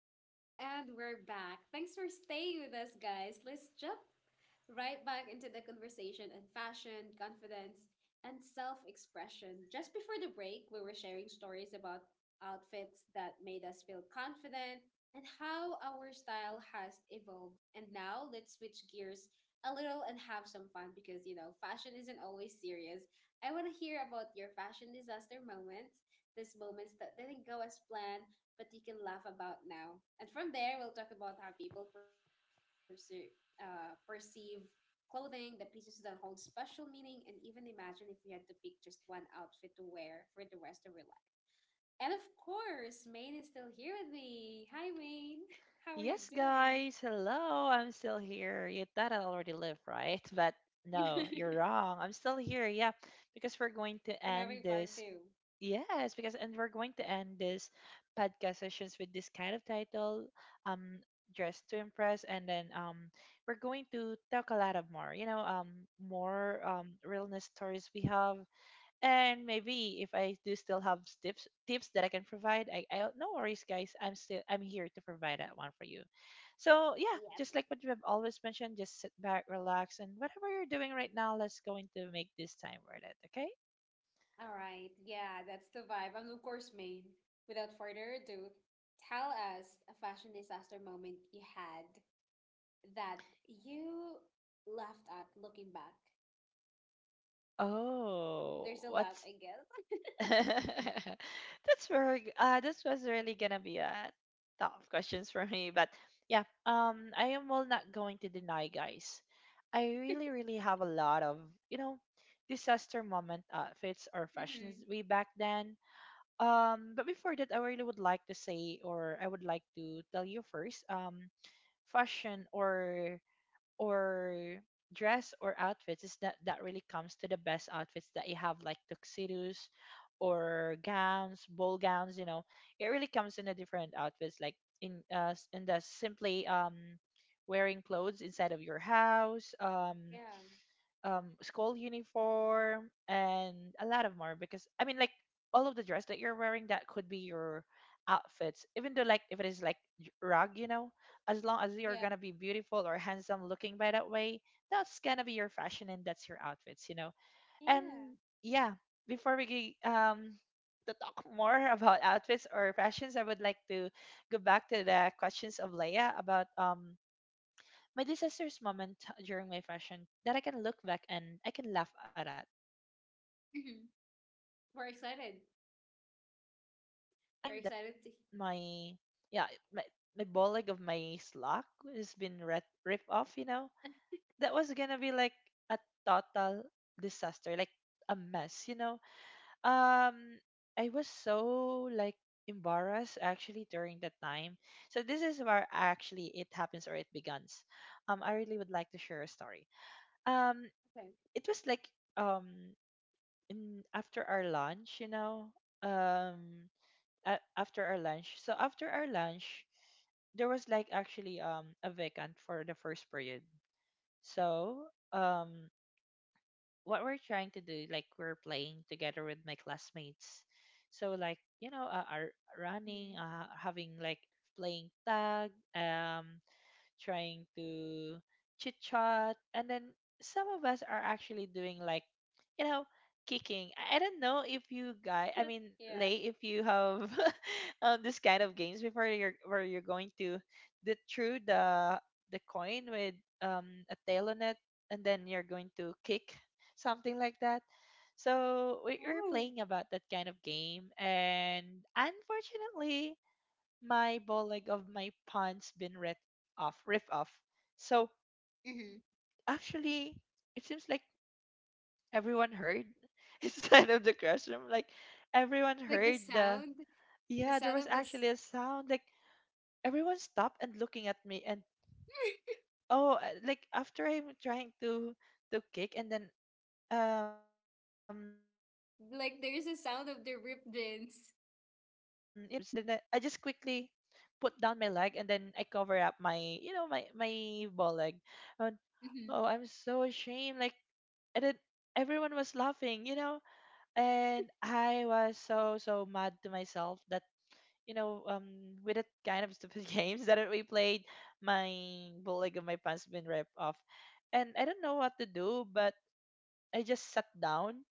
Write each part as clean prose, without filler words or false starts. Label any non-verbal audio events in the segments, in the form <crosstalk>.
Hello, and we're back. Thanks for staying with us, guys. Let's jump right back into the conversation on fashion, confidence, and self expression. Just before the break, we were sharing stories about outfits that made us feel confident and how our style has evolved. And now let's switch gears a little and have some fun because, fashion isn't always serious. I want to hear about your fashion disaster moments, these moments that didn't go as planned but you can laugh about now. And from there, we'll talk about how people perceive clothing, the pieces that hold special meaning, and even imagine if you had to pick just one outfit to wear for the rest of your life. And of course, Maine is still here with me. Hi, Maine. <laughs> How are you Yes, doing? guys. Hello. I'm still here. You thought I already live, right? <laughs> But no, you're <laughs> wrong. I'm still here. Yeah, because we're going to We're having end part this. two. Yes, because and we're going to end this podcast sessions with this kind of title, um, "Dress to Impress," and then we're going to talk a lot of more. More realness stories we have, and maybe if I do still have tips that I can provide. I No worries, guys. I'm here to provide that one for you. So yeah, Yes. just like what we have always mentioned, just sit back, relax, and whatever you're doing right now, let's going to make this time worth it. Okay? All right. Yeah, that's the vibe. And of course, Maine, without further ado, tell us a fashion disaster moment you had that you laughed at looking back? Oh, There's a lot, what's I guess. <laughs> that's very this was really gonna be a tough questions for me, but yeah, I am, well, not going to deny, guys. I really <laughs> really have a lot of, you know disaster moment outfits or fashions Mm-hmm. way back then. But before that, I really would like to say, or I would like to tell you first, fashion or or dress or outfits is that really comes to the best outfits that you have, like tuxedos or gowns, ball gowns, you know. It really comes in a different outfits, like in the simply, wearing clothes inside of your house, Yeah. School uniform and a lot of more, because I mean, like, all of the dress that you're wearing, that could be your outfits, even though like if it is like rug, as long as you're Yeah. gonna be beautiful or handsome looking by that way, that's gonna be your fashion, and that's your outfits. And Yeah. yeah, before to talk <laughs> more about outfits or fashions, I would like to go back to the questions of Leia about my disastrous moment during my fashion that I can look back and I can laugh at it. I mean, I can laugh on. Hmm. We're excited. I think that was the time that We're excited to. my yeah my my ball leg of my slack has been ripped off. You know, that was gonna be like a total disaster, like a mess. You know, um I was so like embarrassed actually during that time. So this is where actually it happens, or it begins. I really would like to share a story. Um Okay. it was like, um in after our lunch. Um after our lunch. So after our lunch, there was like actually a vacant for the first period. So, um what we're trying to do, like, we're playing together with my classmates. So, like, you know, are running, Hmm. Having like playing tag, trying to chit chat, and then some of us are actually doing, like, you know, kicking. I don't know if you guys, I mean, Yeah. Lay, if you have <laughs> this kind of games before, you're where you're going to the through the coin with a tail on it, and then you're going to kick something like that. Oh. So we are playing about that kind of game, and unfortunately, my ball leg of my pants been ripped off, ripped off. So Hmm. actually, it seems like everyone heard <laughs> inside of the classroom. Like, everyone Like the heard the sound, the yeah, there sound of was this, actually a sound. Like, everyone stopped and looking at me, and oh, like after I'm trying to kick, and then, my my leg was is <laughs> on the like top, there's and a then sound of the when ripped I heard that jeans. kind of sound, and then I just quickly put down my leg, and then I cover up my, you know, my ball leg. And, Hmm. oh, I'm so ashamed. Like, and then everyone was laughing, and I was so so mad to myself that, you know, um, with that kind of stupid <laughs> games that we played, my ball leg of my pants been ripped off, and I don't know what to do, but I just sat down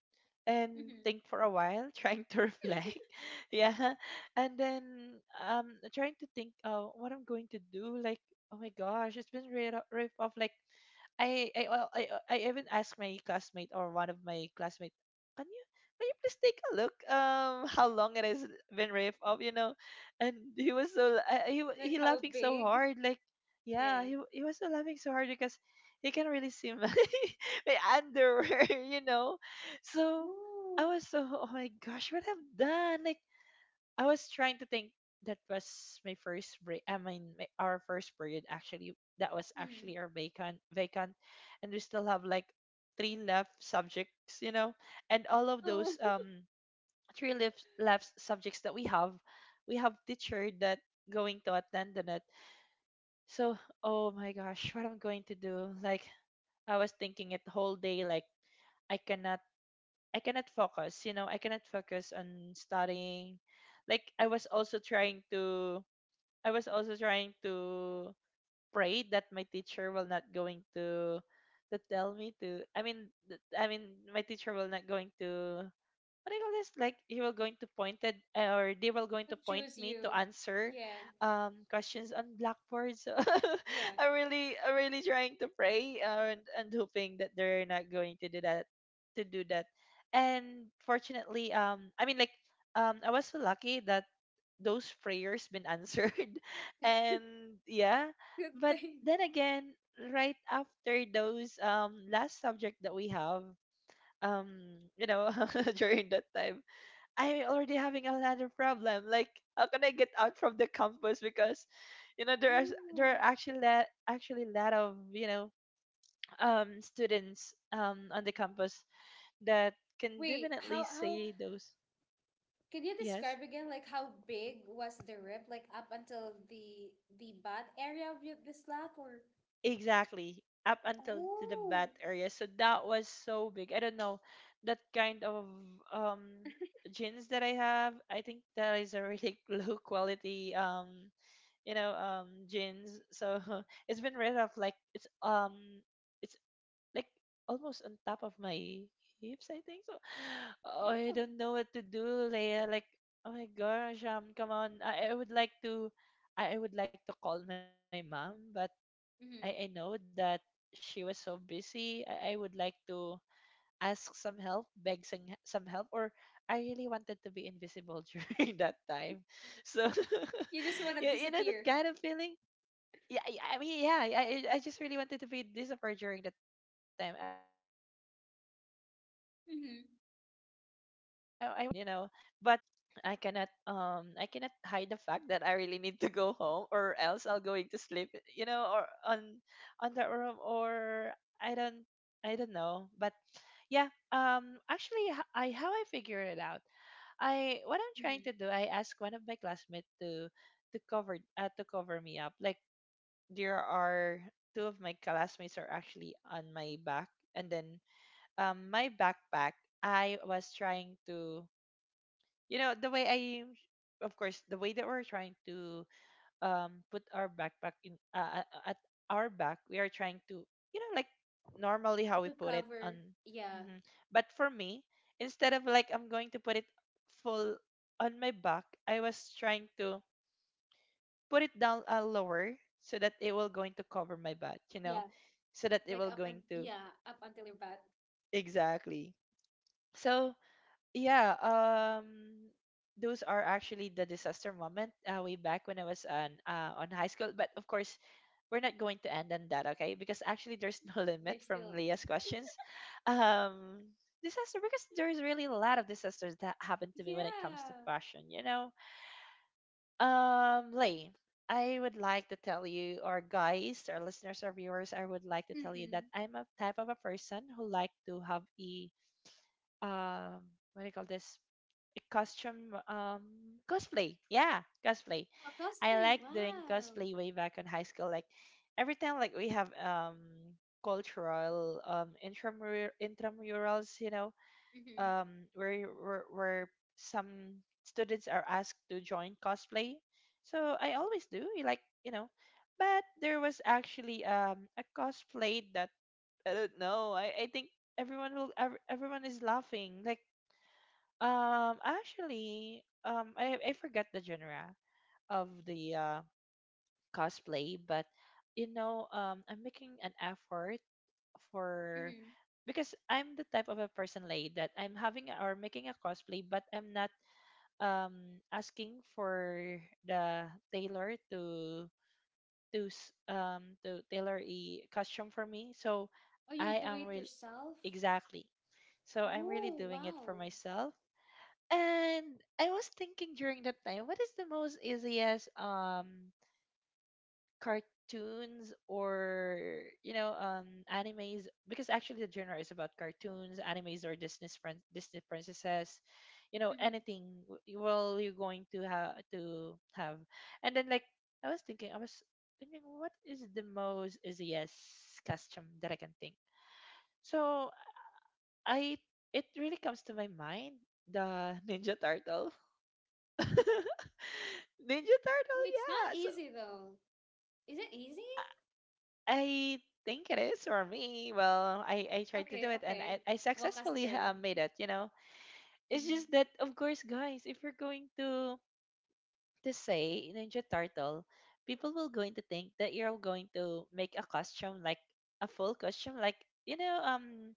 and think Hmm. for a while, <laughs> trying to reflect. <laughs> Yeah. And then, trying to think, what I'm going to do. Like, oh my gosh, it's been right off, like, I well I even asked my classmate, or one of my classmates, can you can you please take a look, <laughs> how long it has been ripped off, you know? And he was so la- he wa- Like he how laughing so big? hard. Like, yeah, Yeah. he was so laughing so hard, because he can really see my <laughs> my underwear, <laughs>. So, I Ooh. was so oh my gosh, what I've done. Like, I was trying to think, that was my first break. I mean, my, our first period actually. That was Hmm. actually our vacant, and we still have like three left subjects, and all of Oh, those, three left subjects that we have teacher that going to attend on it. So, oh my gosh, what I'm going to do? Like, I was thinking it whole day. Like, I cannot, I cannot focus. You know, I cannot focus on studying. Like, I was also trying to pray that my teacher will not going to tell me to, I mean my teacher will not going to, what do you call this? Like, you were going to pointed, or they were <laughs> going to to point choose me to you. answer, Yeah. Questions on blackboard. So Yeah. <laughs> I really trying to pray, and hoping that they're not going to do that to do that. And fortunately, I mean, like, I was so lucky that those prayers been answered, <laughs> and yeah. Good But thing. then again, right after those, last subject that we have, um you know <laughs> during that time, I'm already having another problem, like, how can I get out from the campus? Because, there are, Ooh. actually, a lot of, students, on the campus that can Wait, definitely how say those. can you Yes, describe again, like how big was the rip, like up until the butt area of the slack, or. exactly, up until to the bat Oh. area. So that was so big. I don't know, that kind of, um jeans that I have, I think that is a really <laughs> low quality, jeans. So <laughs> it's been right off, like it's like almost on top of my hips, I think so. <sighs> Oh, I Oh. don't know what to do, Leia. Like, oh my gosh, come on. I would like to call my mom, but I know Mm-hmm. that she was so busy. I would like to ask some help, beg some help, or I really wanted to be invisible <laughs> during that time. So, <laughs> You just want to yeah, you know that disappear. kind of feeling. Yeah, yeah, I mean, yeah, I just really wanted to be disappear during the time. I wanted to be invisible, like no one can definitely see Mm-hmm. me, But I cannot hide the fact that I really need to go home, or else I'll going to sleep, or on the room, or I don't, I don't know. But yeah, actually, h- I how I figure it out, I what I'm trying to Mm-hmm. do, I ask one of my classmates to cover me up. Like, there are two of my classmates are actually on my back, and then, my backpack, I was trying to, the way I of course, the way that we're trying to, put our backpack in at our back, we are trying to, like, normally how we To put it on. cover. Yeah, Mhm. But for me, instead of like I'm going to put it full on my back, I was trying to put it down, lower, so that it will going to yeah, cover my butt, like up, and so that it will yeah, going up to, until your butt. exactly. So yeah, those are actually the disaster moment, way back when I was on, on high school. But of course, we're not going to end on that, okay? Because actually there's no <laughs> They're limit from still. Leah's questions. Um disaster because there's really a lot of disasters that happened to me when it comes to Yeah. fashion. Lay, I would like to tell you, or guys, or listeners, or viewers, I would like to tell you Mm-hmm. that I'm a type of a person who like to have a, um, what do you call this? A costume, cosplay. Yeah, cosplay. Oh, I cosplay. like doing Wow. cosplay way back in high school. Like every time, like we have cultural intramurals, you know, Mm-hmm. where some students are asked to join cosplay. So I always do, you like you know. But there was actually a cosplay that I don't know. I think everyone will everyone is laughing. Like actually I forgot the genre of the cosplay, but you know I'm making an effort for Mm-hmm. because I'm the type of a person like that I'm having or making a cosplay, but I'm not asking for the tailor to to tailor a costume for me. So Oh, you're I doing am it real, yourself. exactly. So I'm really Oh, doing it for wow. myself. And I was thinking during that time, what is the most easiest cartoons or you know animes, because actually the genre is about cartoons, animes, or Disney disney princesses, you know, Mm-hmm. anything well you're going to have to have. And then like I was thinking what is the most easiest, yes, custom that I can think. So I, it really comes to my mind, the <laughs> ninja turtle <laughs> ninja Oh, turtle, it's not yeah. So easy though. Is it easy? I think it is for me. Well, I tried to do Okay, it and okay. I Walk us successfully through. Made it. You know, it's just Mm-hmm. that of course, guys, if you're going to say Ninja Turtle, people will going to think that you're going to make a costume like a full costume, like you know, um,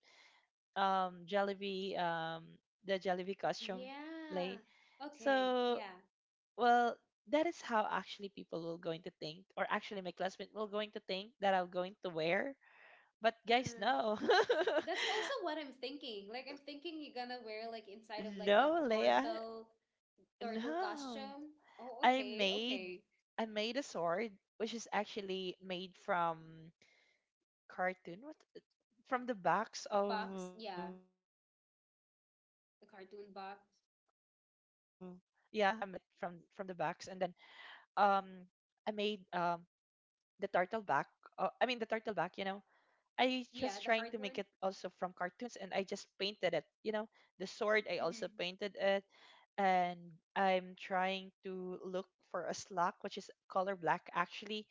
um, Jollibee, the Jollibee costume Yeah. play. Okay. So Yeah. well. That is how actually people will going to think, or actually my classmate will going to think that I'm going to wear, but guys, Uh, no. <laughs> that's also what I'm thinking. Like I'm thinking you're gonna wear like inside of like a No, Leia. turtle No. costume. Oh, I okay, made okay. I made a sword which is actually made from cartoon, what, from the backs of, Box, yeah, yeah, I made it from the the cartoon backs. box. And then um I made the turtle back, the turtle back, you know. I just trying to make it also from Yeah, the cartoons hard and I one. just painted it, you know. The sword I also painted it. Mm-hmm. And I'm trying to look for a slug, which is color black actually,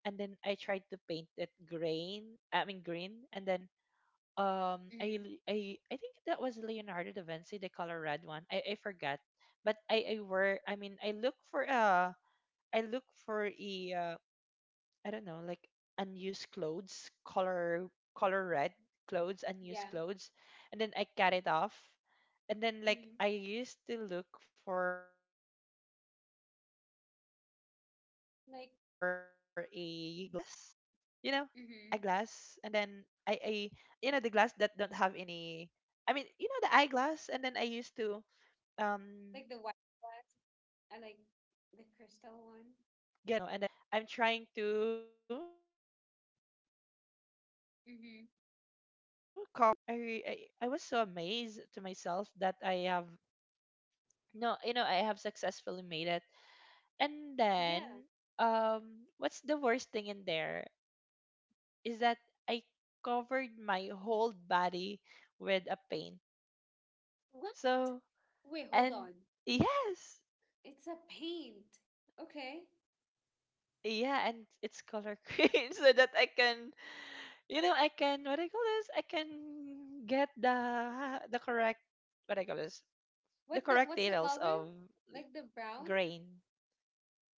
and then I tried to paint it green. I mean green. And then I Mm-hmm. l- I think that was Leonardo da Vinci, the color red one. I forgot, but I look for a, I look for a, I don't know, like unused clothes, color, color red clothes, Yeah. unused clothes, and then I cut it off. And then like I Mm-hmm. used to look for a glass, you know, a Like, glass. And then I you know the glass that don't mm-hmm. have any, I mean you know the eyeglass. And then I used to um get, I mean Like take the it off white the one. I like the yes, crystal the one. lens, you know. And then I'm trying to cover it the red, with the red Mm-hmm. clothes, you know. So I was so amazed to myself that I have, no, you know, I have successfully made it. And Yeah. then what's the worst thing in there is that I covered my whole body with a paint. What? So, Wait, hold and on. yes, It's a paint. Okay. yeah, and it's color <laughs> green so that I can, you know, I can what I call this, I can get the correct, what I call this, the What the correct what's the details color? of li- Like the brown? grain.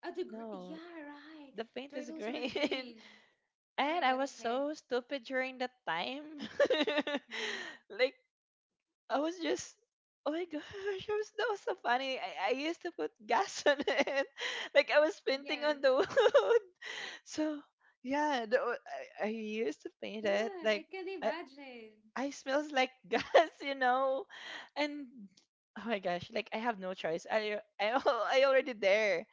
Oh, No, yeah, right. the paint is Turtles were green, green. <laughs> Oh my and I God, was okay. so stupid during that time. <laughs> Mm-hmm. Like I was just, oh my gosh, <laughs> I was, that was so funny. I used to put gas <laughs> on it. Like I was painting Yeah. on the <laughs> wood. So yeah, I used to paint it God, like I can I imagine. I smells like <laughs> gas, you know. And oh my gosh, like I have no choice. I <laughs> I already there.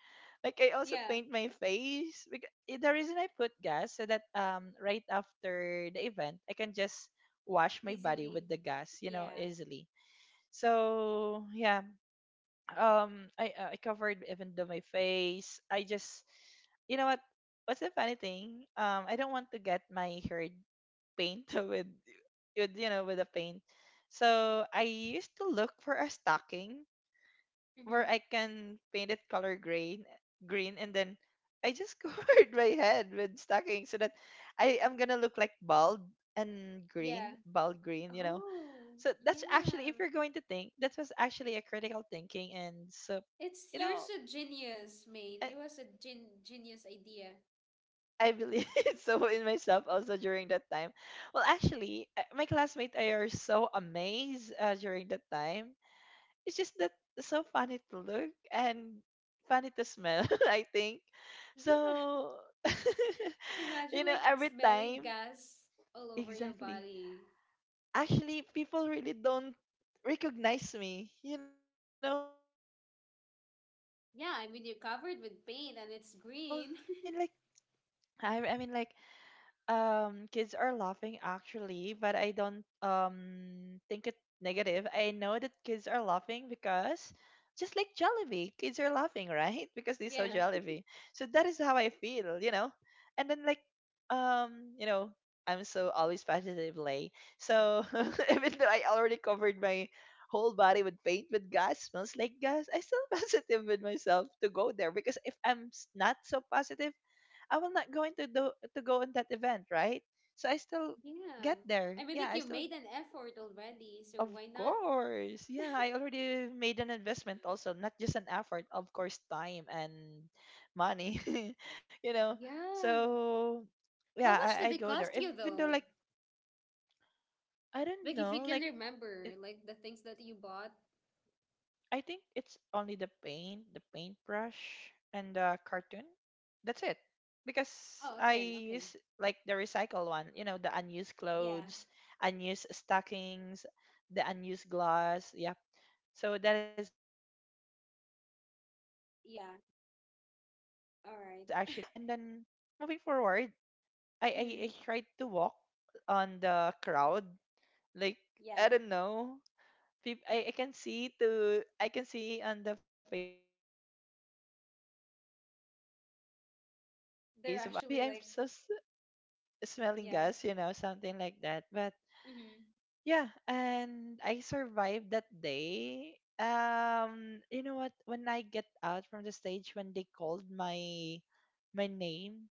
Like I also Yeah, paint my face because the reason I put gas so that right after the event I can just wash my body easily. with the gas, you know, Yeah. easily. So yeah, I covered even though my face. I just, you know what? What's the funny thing? I don't want to get my hair paint <laughs> with you know, with a paint. So I used to look for a stocking where I Mm-hmm. can paint it color green, green, and then I just <laughs> covered my head with stocking so that I am gonna look like bald and Yeah. green, bald green, you know. Oh, So that's actually, yeah. if you're going to think, that was actually a critical thinking. And so, It's you know, yours a genius, man. I, It was a genius idea. I believe <laughs> so in myself also during that time. Well, actually, my classmates are so amazed during that time. It's just that so funny to look and funny to smell. <laughs> I think Yeah. so. <laughs> You Imagine know, like every smelling time, gas all over your exactly. body. Actually, people really don't recognize me, you know, that that was me. So Yeah, I mean you're ev- covered with paint and it's I green. mean like <laughs> I mean like kids are laughing actually, but I don't think it negative. I know that kids are laughing because just like Jollibee, kids are laughing, right? <laughs> Because they saw Yeah. Jollibee. So that is how I feel, you know. And then like you know, I'm so always positive, Lay. So <laughs> even though I already covered my whole body with paint, with gas, smells like gas, I still <laughs> positive with myself to go there, because if not so positive I will not going to do to go on that event, right? So I still Yeah. get there. I mean Yeah, like I you still, made an effort already, so of why not? course. Yeah, I already made an investment also, not just an effort, of course time and money. <laughs> You know. Yeah. So yeah, How much did I they go cost there. you Even though though? like I don't Like if you know, can like remember, like the things that you bought. I think it's only the paint, the paintbrush, and the cartoon. That's it. Because Oh, I okay, okay. use like the recycle one, you know, the unused Yeah. clothes, unused stockings, the unused glass. Yep. So that is actually just a recycle, you know. Yeah. And yeah. And All right. then moving forward, I I, <laughs> I Mhm. tried to walk on the crowd. Like Yeah. I don't know, peop- I can see to, I can see on the face of other people. <laughs> They're trying to cover their nose. Like, They're "Ah, maybe actually I'm like, so smelling yeah. gas, you know," something like that. But Hmm. yeah, and I survived that day. You know what? When I get out from the stage, when they called my, my name,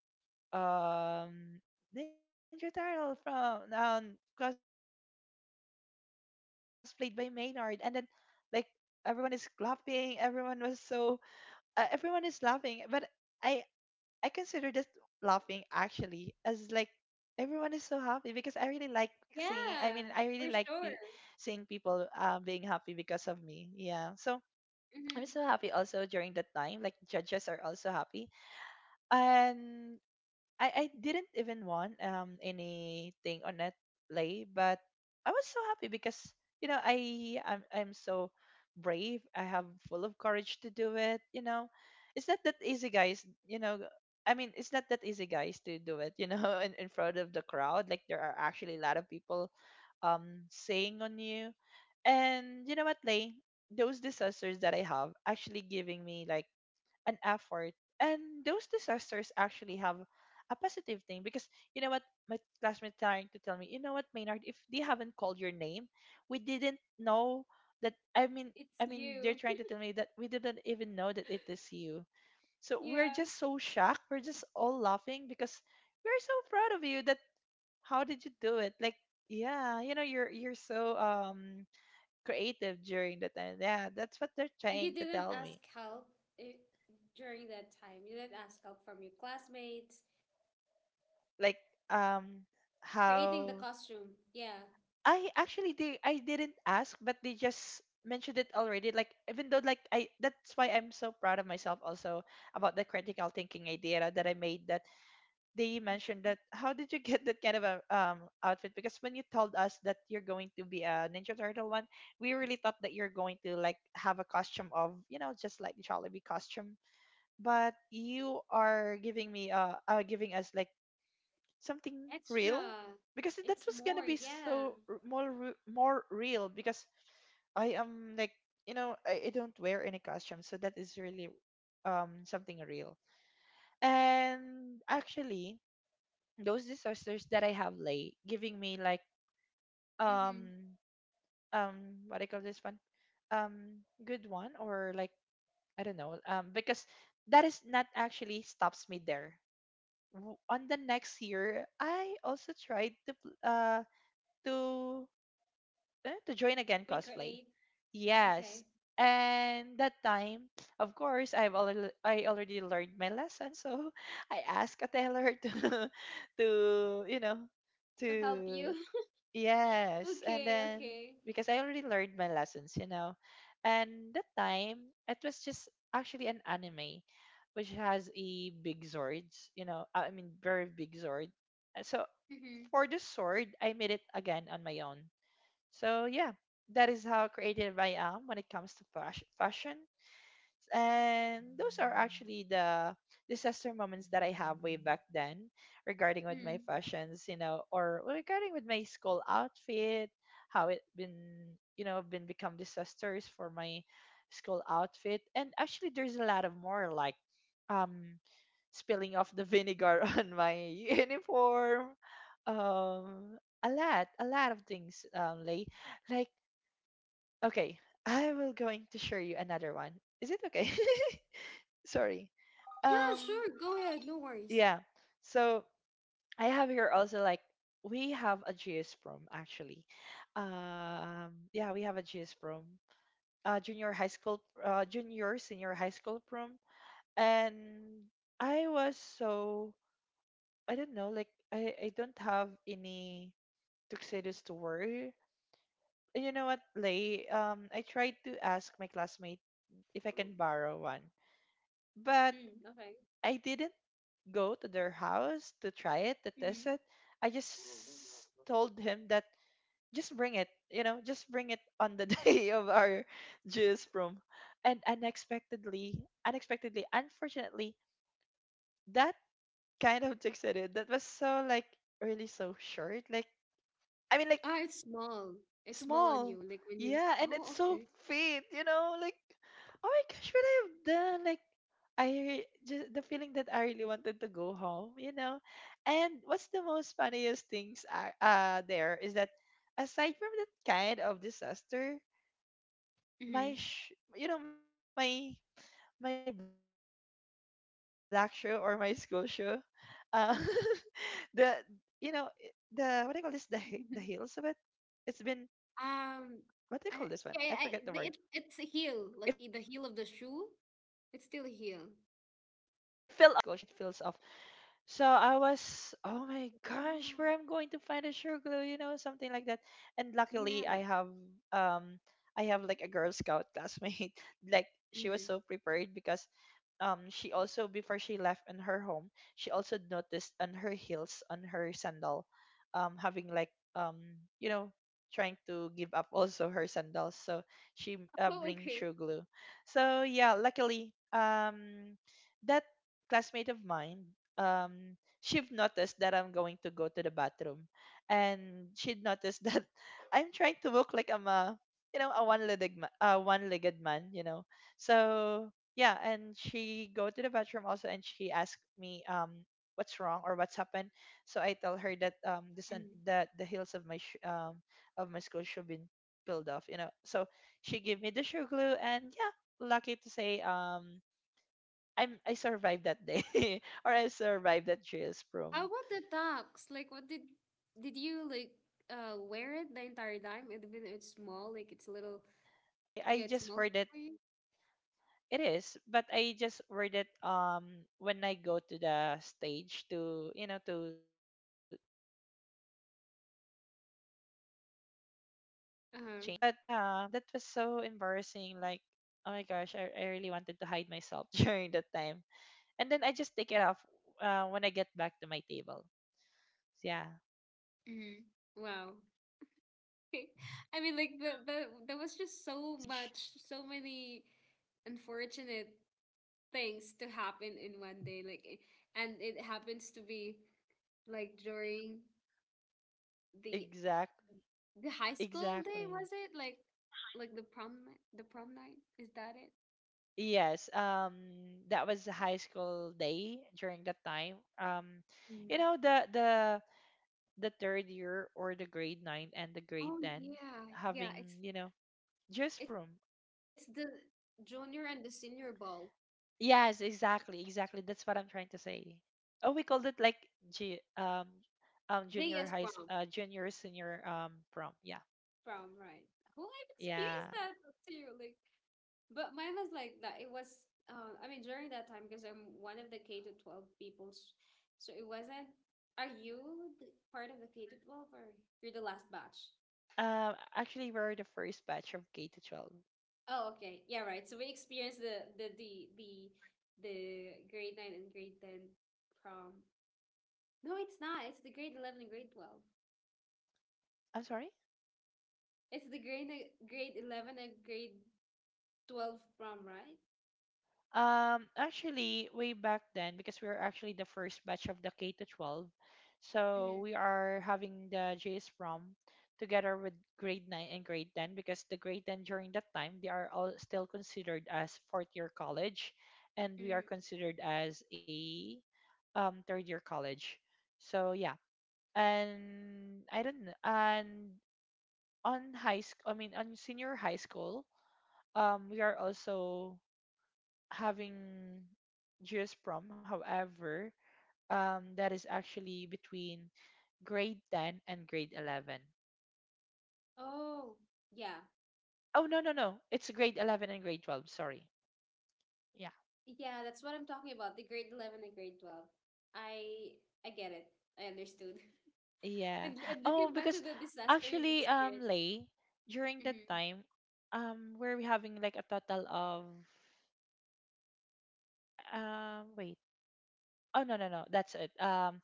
Ninja Turtle from, cosplayed by Maynard, and then like everyone is clapping. Everyone was so, everyone is laughing, but i I consider this laughing actually as like everyone is so happy because I really like seeing, I mean I really like Yeah, for seeing sure. people being happy because of me. Yeah, so I'm so happy Hmm. also during that time, like judges are also happy. And I didn't even want anything on that play, but I was so happy because you know I'm so brave. I have full of courage to do it. You know, it's not that easy, guys. You know, I mean, it's not that easy, guys, to do it. You know, <laughs> in front of the crowd, like there are actually a lot of people saying on you. And you know what, Lay, those disasters that I have actually giving me like an effort. And those disasters actually have a positive thing because you know what, my classmate trying to tell me, you know what, Maynard, if they haven't called your name, we didn't know that, It's you. they're trying to <laughs> tell me that we didn't even know that it is you. So we're Yeah. just so shocked. We're just all laughing because we're so proud of you that how did you do it? Like yeah, you know you're so creative during the time. Yeah, that's what they're And you trying to didn't tell ask me. help, eh, during that time. You didn't ask help from your classmates. like um Creating the how costume. Yeah. I actually did. I didn't ask, but they just mentioned it already, like even though like I that's why I'm so proud of myself also about the critical thinking idea that I made, that they mentioned Mhm. that how did you <laughs> get that kind of a outfit. Because when you told us that you're going to be a Ninja Turtle one, we really thought that you're going to like have a costume of, you know, just like Jollibee costume, but you are giving me giving us like something Extra. real, because It's that was more. gonna be Yeah. so more more real. Because I am like, you know, I don't wear any costume, so that is really something real. And actually, those disasters that I have lay giving me like Mm-hmm. um what I call this one, um, good one, or like I don't know, um, because that is not actually stops me there. On the next year, I also tried to to to join We again create. cosplay. Okay. Yes. And that time, of course, I already learned my lesson, so <laughs> I asked a tailor to <laughs> to, you know, To help you. to <laughs> yes. And Okay. then, Okay. because I already learned my lessons, you know, and that time it was just actually an anime, which has a big sword, you know, I mean very big sword. So Mm-hmm. for the sword, I made it again on my own. So yeah, that is how creative I am when it comes to fashion. And those are actually the disaster moments that I have way back then, regarding with my Mm. fashions, you know, or regarding with my school outfit, how it been, you know, been become disasters for my school outfit. And actually, there's a lot of more, like, um spilling off the vinegar <laughs> on my uniform. Um, a lot of things like like okay, I will going to share you another one. Is it okay? <laughs> Sorry. Yeah, Um, sure. Go ahead. No worries. yeah. So I have here also like we have a GS prom actually. Yeah, we have a GS prom. Junior high school, junior senior high school prom. And I was so, I don't know like I don't have any tuxedos to wear. You know what, Lay? I tried to ask my classmate if I can borrow one, but Mm, okay. I didn't go to their house to try it, to Mm-hmm. test it. I just told him that just bring it, you know, just bring it on the <laughs> day of our juice prom. And unexpectedly, unexpectedly, unfortunately, that kind of takes it in. That was so like really so short. Like I mean like Ah, it's small. It's small on small. you. Like when you. Yeah, and Oh, it's so okay. fit, you know, like oh my gosh, what I have done. Like I just the feeling that I really wanted to go home, you know. And what's the most funniest things are there is that aside from that kind of disaster, Mm-hmm. my you know, my black shoe or my school shoe, uh <laughs> the you know i- <laughs> the what do you call this, the the heels of Um, it? I, I, It's I been it's a heel, like the heel of what do the you call shoe. this one? I It's forget still the a word. heel. It fell off. Yeah, the hills of my sculpture, it feels off. So I was, oh my gosh, Wow. where I'm going to find a sugar glue, you know, something like that. And luckily, Yeah. Um, I have like a Girl Scout classmate. <laughs> Like she was Hmm. <laughs> so prepared because, she also before she left in her home, she also noticed on her heels, on her sandal, having like you know, trying to give up also her sandals. So she Oh, okay. bring sugar glue. So yeah, luckily, that classmate of mine, um, she'd noticed that I'm going to go to the bathroom, and she'd noticed that <laughs> I'm trying to look like I'm a, you know, a one-legged one-legged man, you know. So yeah, and she go to the bathroom also, and she asked me what's wrong or what's happened. So I tell her that, um, this and Mm. that, the heels of my of my school shoe been peeled off, you know. So she gave me the shoe glue, and yeah, lucky to say, um, I survived that day <laughs> or I survived that JS How prom. about the tux? Like, what did you like, wear it the entire time? Actually, Even it's um, small, like it's a little, I mean I yeah, I it's just small word it. for you. It is, but I just word it when I go to the stage to, you know, to change with the candle together with my, you know, with my partner. But Uh-huh. yeah, that was so embarrassing, like oh my gosh, I really wanted to hide myself <laughs> during that time. And then I just take it off when I get back to my table. So yeah, so Mm. I just Wow. word it when I'm <laughs> I mean, about to like go up there on the was just stage. so much, so many unfortunate things to happen in one day, and it happens to be like during the Exact the high school day, exactly. was it like the the prom night, is that it? Yes. That was a high school day during that time. Um, you Mm. know, the the third year or the grade 9 and the grade Oh 10 yeah, yeah, having, it's you know, just it's from the junior and the senior ball. yes, exactly, exactly. That's what I'm trying to say. Oh, we called it like G, They, yes, junior prom junior senior prom. Yeah. prom right? Oh, I've experienced Yeah. that too, like. But mine was like that. It was, I mean, during that time, because I'm one of the K to 12 people, so it wasn't. Are you the part of the K to 12 or you're the last batch? Actually, we're the first batch of K to 12. Oh, okay. Yeah, right. So we experienced the grade nine and grade ten prom. No, it's not. It's the grade 11 and grade 12. I'm sorry. It's the grade 11 and grade 12 prom, right? Actually, way back then, because we were actually the first batch of the K to 12, so Mm-hmm. we are having the JS prom together with grade 9 and grade 10, because the grade 10 during that time they are all still considered as fourth year college, and we are Mm. considered as a third year college. So yeah, and I don't know, and on high school, I mean on senior high school, we are also having GS prom. However, um, that is actually between grade 10 and grade 11. Oh, yeah. Oh no no no, it's grade 11 and grade 12, sorry. Yeah. Yeah, that's what I'm talking about. The grade 11 and grade 12. I I get it. I understood. <laughs> Yeah. And, Oh, looking back to because the disaster you've actually experienced. Lay, during that Mm-hmm. time, we're having like a total of wait. Oh no no no, that's it. Um,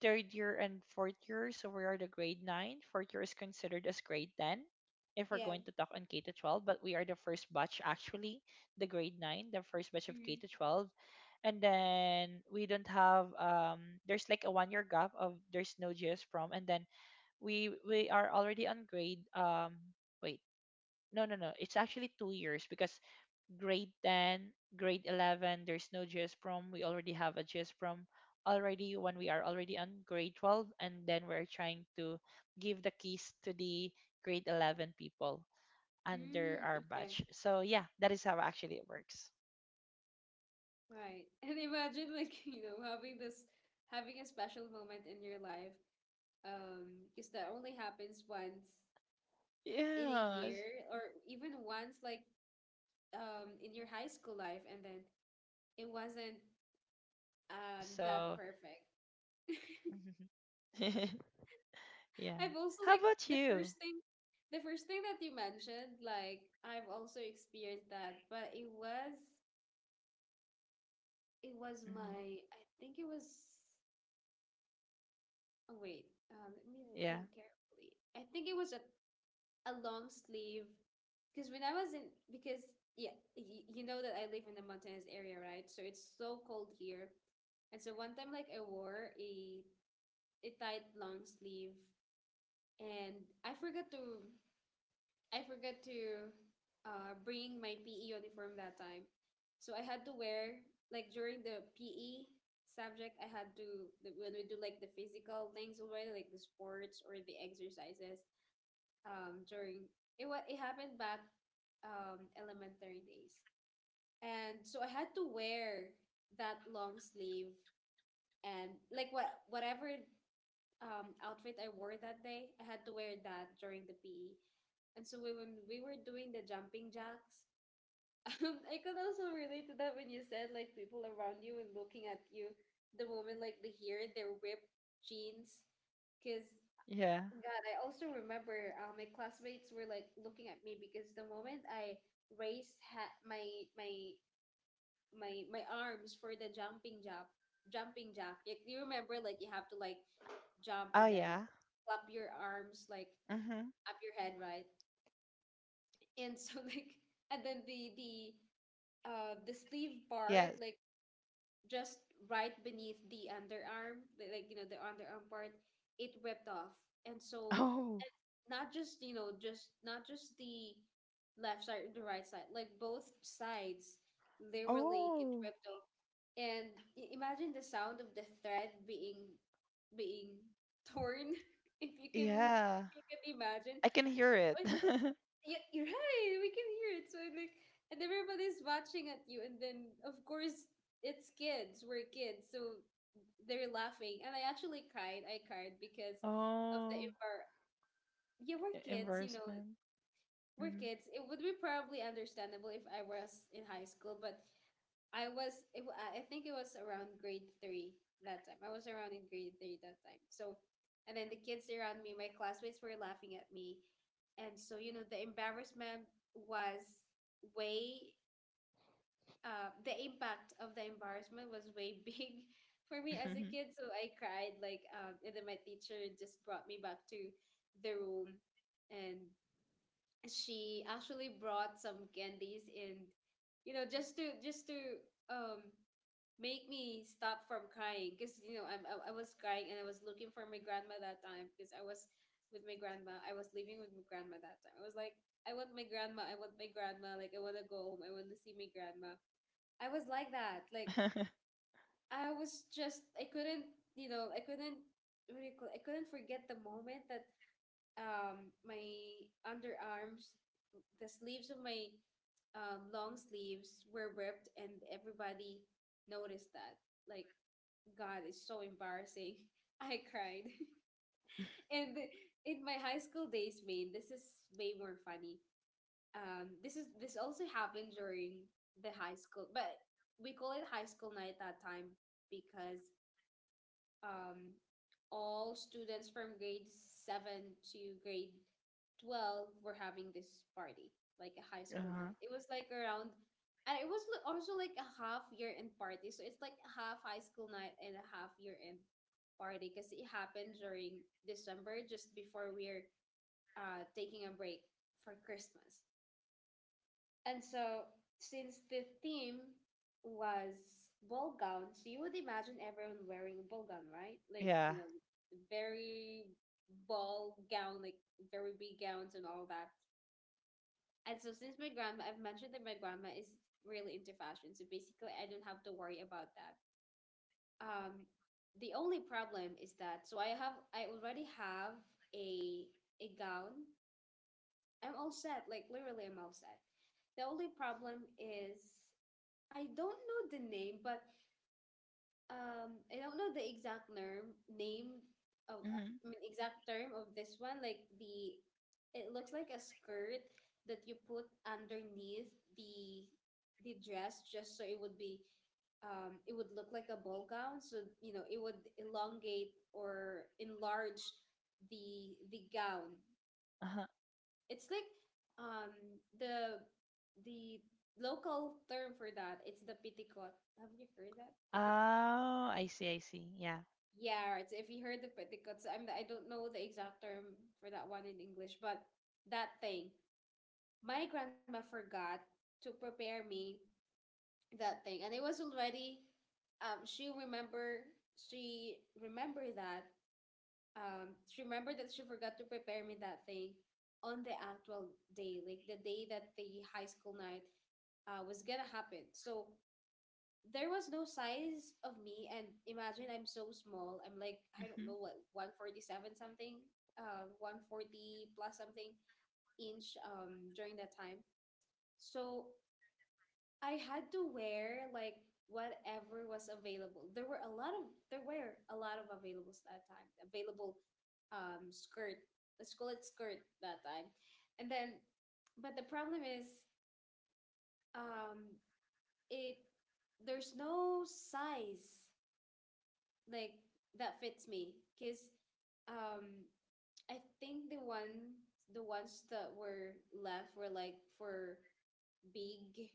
third year and fourth year. So we are the grade nine. Fourth year is considered as grade ten if we're Yeah. going to talk on K to 12, but we are the first batch actually, the grade nine, Mm-hmm. the first batch of K to 12. And then we don't have there's like a 1 year gap of there's no GS prom. And then we are already on grade wait, no no no, it's actually 2 years because grade 10, grade 11, there's no GS prom. We already have a GS prom already when we are already on grade 12, and then we're trying to give the keys to the grade 11 people under Mm, our okay. batch. So yeah, that is how actually it works. Right. <laughs> And imagine like, <laughs> having this having a special moment in your life. Because that only happens once in a Yeah, year or even once, like, in your high school life, but and it then becomes a it total wasn't, disaster, you know. That So perfect. <laughs> <laughs> yeah. I've also, How like about the you? first thing the first thing that you mentioned, like I've also experienced that, but it was Hmm. my, I think it was, oh wait, let me Yeah. think carefully. I think it was a long sleeve, because when I was in, because yeah, you know that I live in the mountainous area, right? So it's so cold here. And so one time, like I wore a tight long sleeve, and I forgot to, I forgot to bring my PE uniform that time. So I had to wear like during the PE subject. I had to, when we do like the physical things already, like the sports or the exercises. During it happened back, elementary days, and so I had to wear that long sleeve, and like whatever, outfit I wore that day. I had to wear that during the Hmm. PE. And so, when we were doing the jumping jacks, <laughs> I could also relate to that when you said like people around you and looking at you, the moment like they hear their ripped jeans. 'Cause Yeah. God, I also remember, my classmates were like looking at me because the moment I raised, my my arms for the jumping jack, like do you remember, like you have to like jump Oh and then yeah. flap your arms like Hmm. up your head, right? Yes. And so, <laughs> like, and then the sleeve part, like just right beneath the underarm, like, the underarm part, it ripped off. And so, Oh. not just, just not just the left side or the right side, like both sides, literally it Oh, ripped. And imagine the sound of the thread being torn. <laughs> if you can yeah. if you can imagine. I can hear it. So <laughs> yeah, you're right, we can hear it, so I'm like, and everybody's watching at you, and then of course it's kids, we're kids, so they're laughing. And I actually cried. I cried Because of the Oh, envir- yeah, we're kids. embarrassment. We're kids. It would be probably understandable if I was in high school, but I think it was around grade three that time. I was around in grade three that time. So, and then the kids around me, my classmates were laughing at me. And so, the embarrassment was way, the impact of the embarrassment was way <laughs> big for me as a Mm-hmm. kid. So I cried, like, and then my teacher just brought me back to the room, and she actually brought some candies, and, just to, um, make me stop from crying, because I'm, I was crying, and I was looking for my grandma that time, because I was with my grandma. I was living with my grandma that time. I was like, I want my grandma. I want my grandma. Like, I want to go home. I want to see my grandma. I was like that. Like, <laughs> I was just, I couldn't, I couldn't, what do you call, I couldn't forget the moment that, my underarms, the sleeves of my, long sleeves were ripped, and everybody noticed that, like, God, it's so embarrassing. <laughs> I cried. <laughs> And in my high school days, Maine, this is way more funny. This is, this also happened during the high school, but we call it high school night that time, because, um, all students from grade 7 to grade 12 were having this party, like a high school Uh-huh. night. It was like around, and it was, also like a half year end party. So it's like a half high school night and a half year end party, because it happened during December, just before we're, taking a break for Christmas. And so, since the theme was ball gowns, you would imagine everyone wearing a ball gown, right? Like, Yeah. you know, very ball gown, like very big gowns and all that. And so, since my grandma, I've mentioned that my grandma is really into fashion, so basically, I don't have to worry about that. Um, the only problem is that so I already have a gown. I'm all set, like literally, I'm all set. The only problem is I don't know the name, but I don't know the exact term name of Mm-hmm. I mean exact term of this one. Like the, it looks like a skirt that you put underneath the the dress just so it would be it would look like a ball gown. So you know it would elongate or enlarge the gown. Uh-huh. It's like um the the local term for that. It's the pitikot. Have you heard that Oh, pitikot? I see, I see. Yeah. Yeah, right. So if you heard the pitikot, I don't know the exact term for that one in English, but that thing. My grandma forgot to prepare me that thing, and it was already um she remember she remember that she remembered that she forgot to prepare me that thing on the actual day, like the day that the high school night was gonna happen. So there was no size of me, and imagine I'm so small, I'm like I don't Mm-hmm. know what, 147 something, 140 plus something inch during that time. So I had to wear like whatever was available. There were a lot of there were a lot of availables that time. Available skirt. Let's call it skirt that time. And then, but the problem is um it there's no size like that fits me, because um I think the ones that were left were like for big,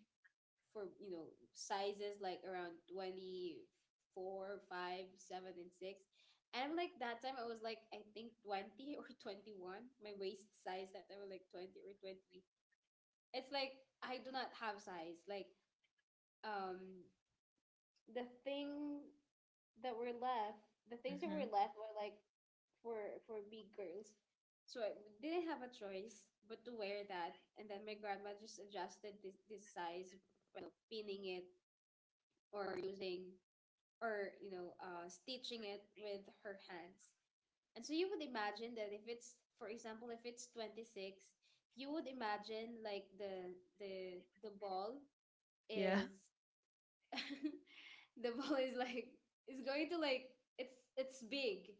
for you know, sizes like around 24, five, seven, and 6, and I'm like, that time I was like I think 20 <laughs> or 21. My waist size that time was like 20 or 23. It's like I do not have size like, um the thing that were left the things that Mm-hmm. were left were like for big girls. So I didn't have a choice but to wear that, and then my grandma just adjusted this size by, you know, pinning it, or using, or you know stitching it with her hands. And so you would imagine that if it's, for example, if it's 26, you would imagine like the ball Yeah. is, <laughs> the ball is like, it's going to like, it's big.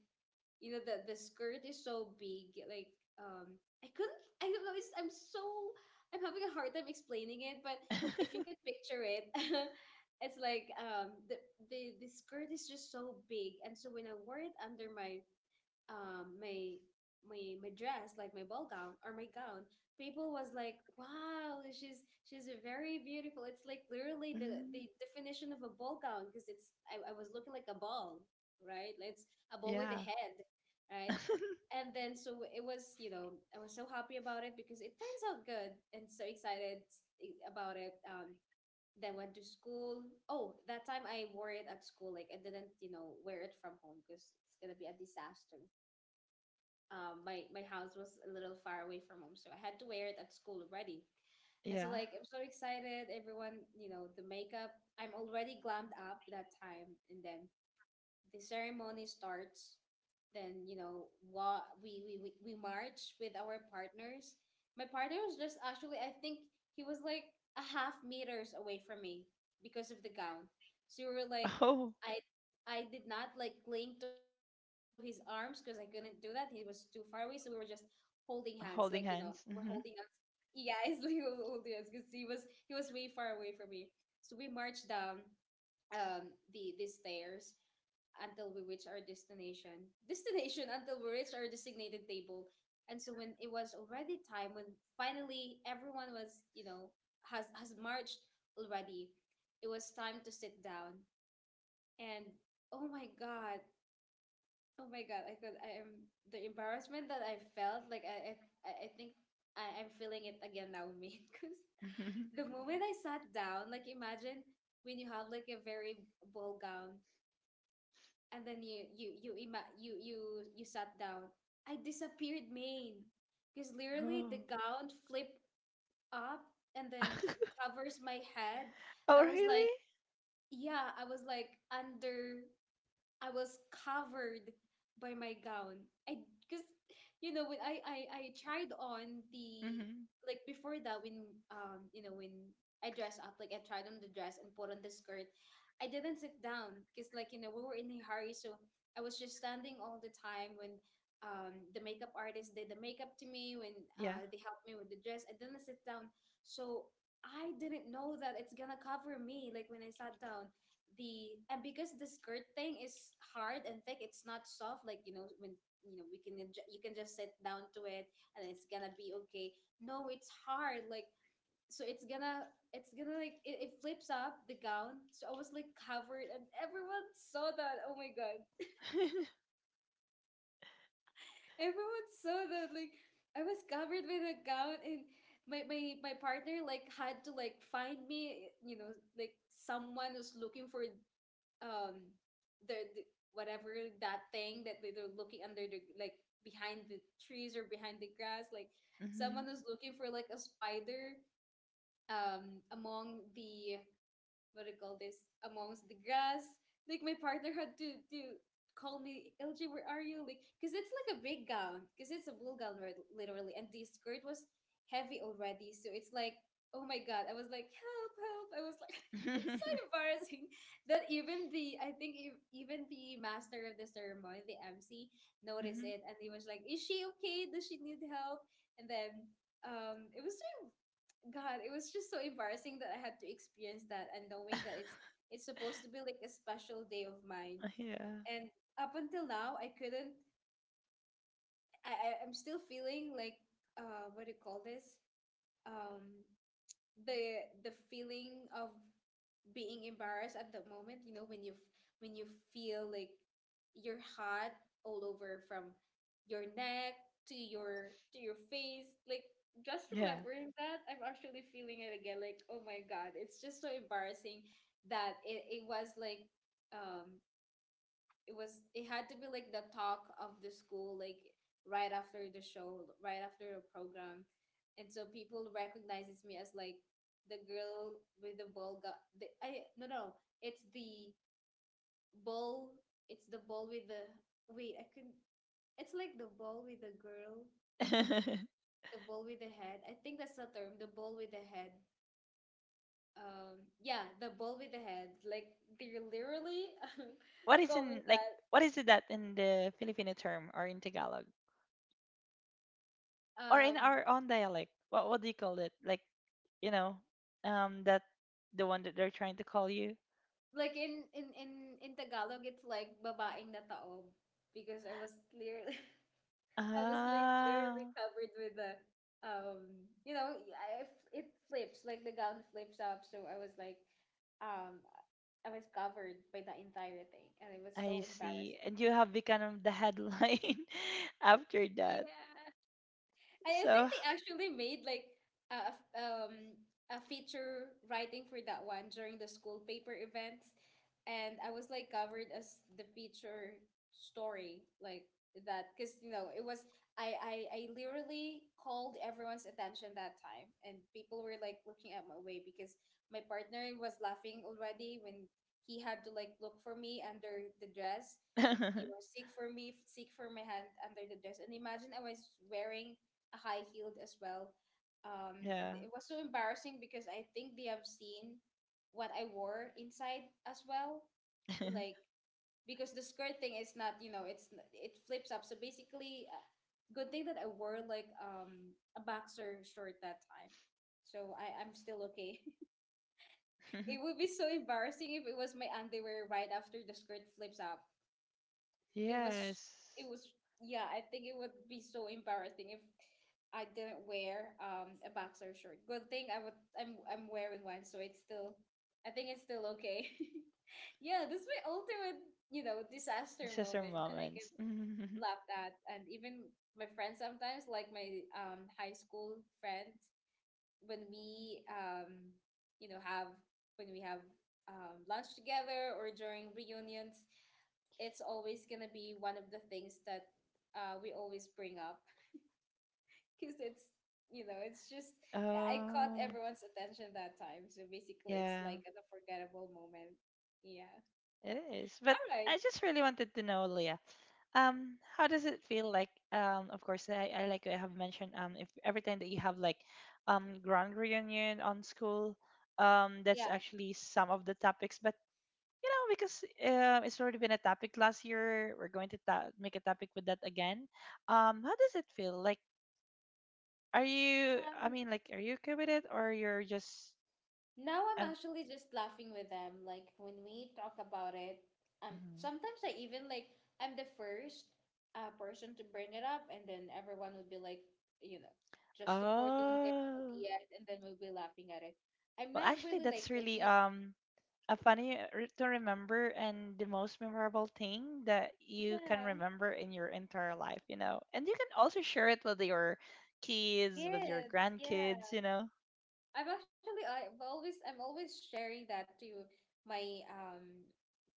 You know the skirt is so big. Like, I couldn't. I don't know. It's, I'm so, I'm having a hard time explaining it. But if you could <laughs> picture it, <laughs> it's like the skirt is just so big, and so when I wore it under my um my my dress, like my ball gown or my gown, people was like, wow, she's very beautiful. It's like literally Hmm. the definition of a ball gown, because it's, I was looking like a ball, right? Like, it's a ball with a Yeah. head, right? <laughs> And then so it was, you know, I was so happy about it because it turns out good, and so excited about it. Then went to school. Oh, that time I wore it at school, like I didn't, you know, wear it from home because it's gonna be a disaster. My my house was a little far away from home, so I had to wear it at school already. And so Yeah. like I'm so excited, everyone, you know, the makeup. I'm already glammed up that time, and then the ceremony starts. Then you know we march with our partners. My partner was just actually, I think, he was like a half meters away from me because of the gown. So we were like, Oh, I did not like cling to his arms because I couldn't do that. He was too far away, so we were just holding hands, like you know, holding we're hands. holding Mm-hmm. hands. Yeah, <laughs> it's like holding hands because he was way far away from me. So we marched down the stairs until we reach our destination. Until we reach our designated table. And so when it was already time, when finally everyone was, you know, has marched already, it was time to sit down. And oh my god, oh my god, I am the embarrassment that I felt. Like I think I'm feeling it again now, me. <laughs> Mm-hmm. Because the moment I sat down, like imagine when you have like a very ball gown, and then you ima- you sat down. I disappeared, Maine, because literally Oh. the gown flipped up and then <laughs> covers my head. Oh, I was like, really? yeah, I was like under, I was covered by my gown. I, because you know when I tried on the, Mm-hmm. like before that, when you know when I dressed up, like I tried on the dress and put on the skirt, I didn't sit down because like you know we were in a hurry. So I was just standing all the time Yeah. when the makeup artist did the makeup to me, when they helped me with the dress, I didn't sit down. So I didn't know that it's gonna cover me, like when I sat down, the and because the skirt thing is hard and thick. It's not soft, like you know, when you know we can you can just sit down to it and it's gonna be okay. No, it's hard, like, so it's gonna, it's gonna like, it flips up the gown. So I was like covered, and everyone saw that. Oh my god, <laughs> everyone saw that. Like I was covered with a gown, and my partner like had to like find me, you know, like someone who's looking for um the whatever, that thing that they're looking under the, like behind the trees or behind the grass, like someone Mm-hmm. was looking for like a spider among the, what do you call this, amongst the grass. Like my partner had to call me, LJ, where are you? Like, cause it's like a big gown, cause it's a blue gown, literally, and the skirt was heavy already, so it's like, oh my god, I was like, help, help! I was like, <laughs> it's so <laughs> embarrassing <laughs> that even the, I think, even the master of the ceremony, the MC, noticed Mm-hmm. it, and he was like, is she okay? Does she need help? And then it was so, God, it was just so embarrassing that I had to experience that, and knowing that <laughs> it's supposed to be like a special day of mine. Yeah. And up until now, I couldn't, I'm still feeling like, what do you call this? Um the feeling of being embarrassed at the moment, you know, when you when you feel like you're hot all over, from your neck to your face, like, just Yeah. remembering that, I'm actually feeling it again, like oh my god, it's just so embarrassing that it was like, um it was, it had to be like the talk of the school, like right after the show, right after the program. And so people recognizes me as like the girl with the ball, got the, I, no, no, it's the ball, it's the ball with the, wait, I couldn't, it's like the ball with the girl, <laughs> the ball with the head. I think that's the term, the ball with the head. Yeah, the ball with the head, like they're literally <laughs> What is calling in like that. what is it that in the Filipino term or in Tagalog or in um our own dialect? What do you call it? Like you know, that the one that they're trying to call you. like in Tagalog it's like babaeng nataob, because I was clear. <laughs> I was like Ah, clearly covered with the, you know, I, it flips, like the gown flips up, so I was like, um I was covered by the entire thing, and it was I so see. embarrassing. And you have become the headline <laughs> after that. Yeah. And I So think they actually made like a a feature writing for that one during the oh school paper really? events, and I was like covered as the feature story, like that, because you know, it was, I literally called everyone's attention that time, and people were like looking at my way because my partner was laughing already when he had to like look for me under the dress, you <laughs> know, seek for me, seek for my hand under the dress. And imagine I was wearing high heeled as well. And Yeah. it was so embarrassing because I think they have seen what I wore inside as well. <laughs> Like, because the skirt thing is not, you know, it's it flips up. So basically, good thing that I wore like a boxer short that time. So I'm still okay. <laughs> It would be so embarrassing if it was my underwear right after the skirt flips up. It was it Yes. was Yeah, I think it would be so embarrassing if I didn't wear a boxer short. Good thing I would I'm wearing one, so it's still I think it's still okay. <laughs> Yeah, that's my ultimate disaster These are moment that I get moments. laughed at. And even my friends sometimes, like my high school friends, when we you know have when we have lunch together or during reunions, it's always gonna be one of the things that we always bring up. <laughs> because it's you know it's just <laughs> I caught Oh everyone's attention that time. So basically, it's yeah. like an unforgettable moment. Yeah. It is. But All right. I just really wanted to know, Leah, how does it feel like? Um, of course, I like I have mentioned, if every time that you have like, grand reunion on school, that's Yeah. actually some of the topics. But you know, because it's already been a topic last year, we're going to make a topic with that again. How does it feel? Like, are you, I Um, mean, like, are you okay with it, or you're just? Now I'm Um, actually just laughing with them. Like, when we talk about it, mhm. sometimes I even, like, I'm the first person to bring it up, and then everyone would be like, you know, just supporting their Oh, ideas, and then we'll be laughing at it. I'm well, not actually, really like that's really making it. A funny to remember and the most memorable thing that you can Yeah, remember in your entire life, you know. And you can also share it with your kids, with your kids. grandkids, Yeah. you know. I'm always sharing that to my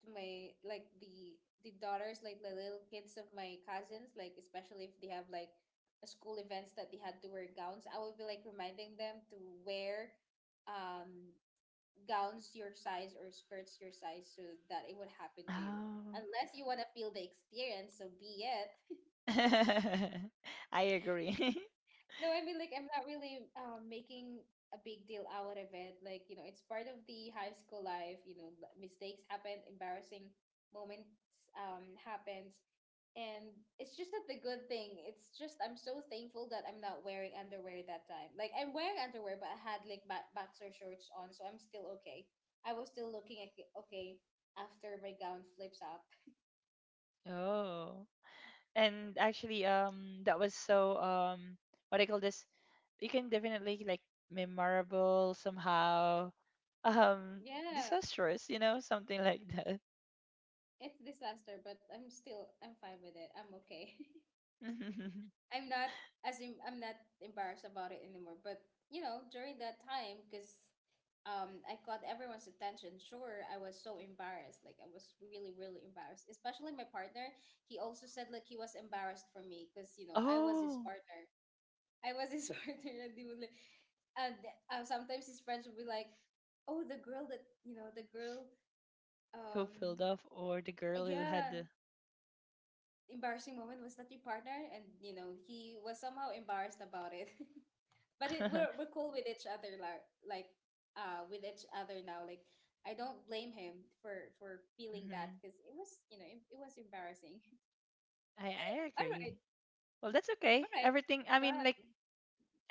to my, like, the daughters, like the little kids of my cousins, like especially if they have like a school events that they had to wear gowns. I would be like reminding them to wear um gowns your size or skirts your size, so that it would happen to you Oh. unless you want to feel the experience, so be it. <laughs> I agree. <laughs> No, I mean, like, I'm not really making a big deal out of it. Like, it's part of the high school life. Mistakes happen, embarrassing moments happens, and it's just not the good thing. It's just I'm so thankful that I'm not wearing underwear that time. Like, I'm wearing underwear, but I had like back boxer shorts on, so I'm still okay. I was still looking at okay after my gown flips up. Oh. And actually that was so what I call this, you can definitely like memorable somehow, um, Yeah, disastrous, you know, something like that. it's disaster, but I'm fine with it. I'm okay. <laughs> <laughs> I'm not I'm not embarrassed about it anymore. But during that time, because I caught everyone's attention. Sure, I was so embarrassed. Like, I was really, really embarrassed. Especially my partner. He also said like he was embarrassed for me because I was his Oh. partner. I was his <laughs> partner, and he would like, and sometimes his friends would be like, "Oh, the girl, um, Cofield off or the girl who had yeah, the. embarrassing moment was that your partner, and he was somehow embarrassed about it." <laughs> But <laughs> we're cool with each other, like with each other now, like I don't blame him for feeling that, Hmm. because it was, it was embarrassing. <laughs> I All agree. right. Well, that's okay. All right. Everything. I mean, Wow. like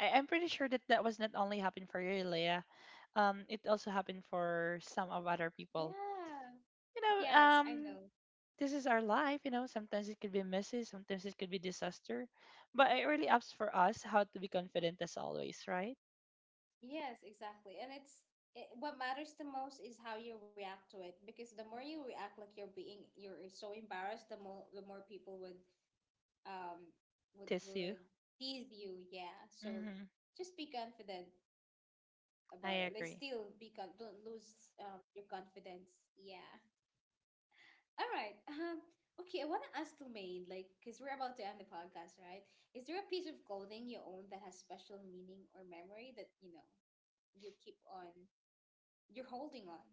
I'm pretty sure that that was not only happened for you, Leah. It also happened for some of other people. Yeah. You know, Yes, I know. this is our life. You know, sometimes it could be messy, sometimes it could be disaster, but it really ups for us how to be confident as always, right? Yes, exactly. And what matters the most is how you react to it, because the more you react, like you're so embarrassed, the more people um would Tis you. would tease you. Yeah. So Mm-hmm. just be confident about it, like I agree. don't lose your confidence. Yeah. All right. Okay, I want to ask Lumaine, like because we're about to end the podcast, right? Is there a piece of clothing you own that has special meaning or memory that you keep on you're holding on?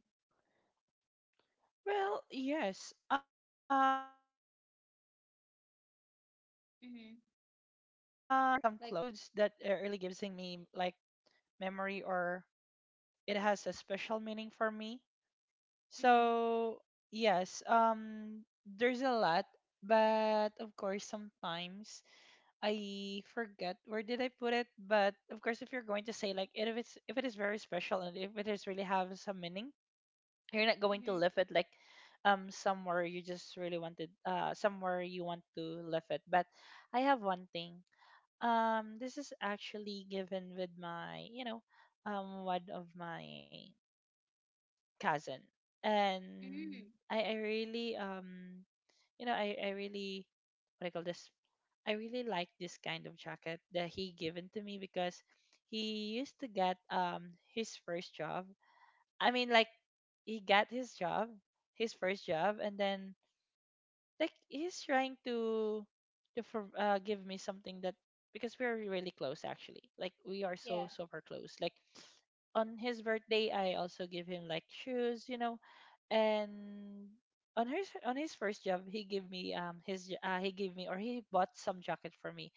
Well, yes. Actually. Mm-hmm. There are some clothes Like. that really gives in me like memory or it has a special meaning for me. Mm-hmm, So yes, there's a lot, but of course sometimes I forget where did I put it. But of course, if you're going to say like if it's if it is very special and if it is really have some meaning, you're not going to leave mm-hmm, it like somewhere you just really wanted somewhere you want to leave it. But I have one thing, this is actually given with my, you know, one of my cousin, and mm-hmm. I really, you know, I really, what do you call this? I really like this kind of jacket that he given to me because he used to get his first job. I mean, like, he got his job, his first job, and then like he's trying to give me something that, because we're really close actually, like we are so Yeah, super close. Like, on his birthday, I also give him like shoes, and on his first job, he gave me or he bought some jacket for me.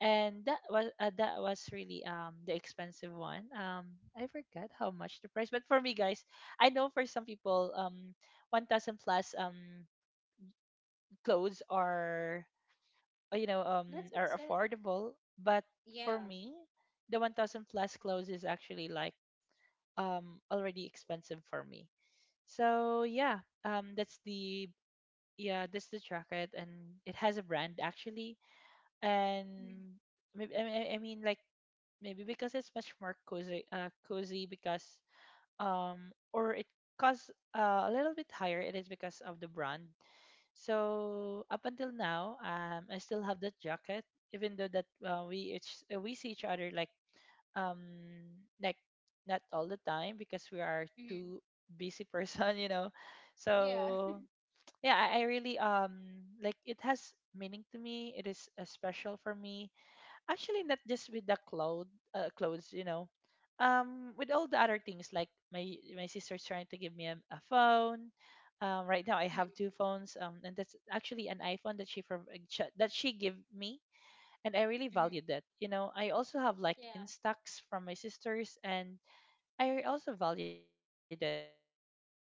And that was really the expensive one. I forgot how much the price, but for me, guys, I know for some people 1000 plus clothes are you know that's are upset. affordable, but for Yeah. me, the 1000 plus clothes is actually, like, already expensive for me. So, yeah, that's the yeah, that's the jacket. And it has a brand actually, and Mm-hmm. maybe, I mean, like, maybe because it's much more cozy, because or it costs a little bit higher. It is because of the brand. So up until now, I still have that jacket, even though that, we see each other, like, um like not all the time because we are too busy <laughs> person. Yeah. So, yeah, I really like, it has meaning to me. It is special for me, actually. Not just with the clothes, with all the other things. Like, my sister's trying to give me a phone. Right now, I have <laughs> two phones and that's actually an iPhone that she gave me. And I really Mm-hmm. value that. I also have, like, Yeah. instax from my sisters. And I also value that. Like, I have also watch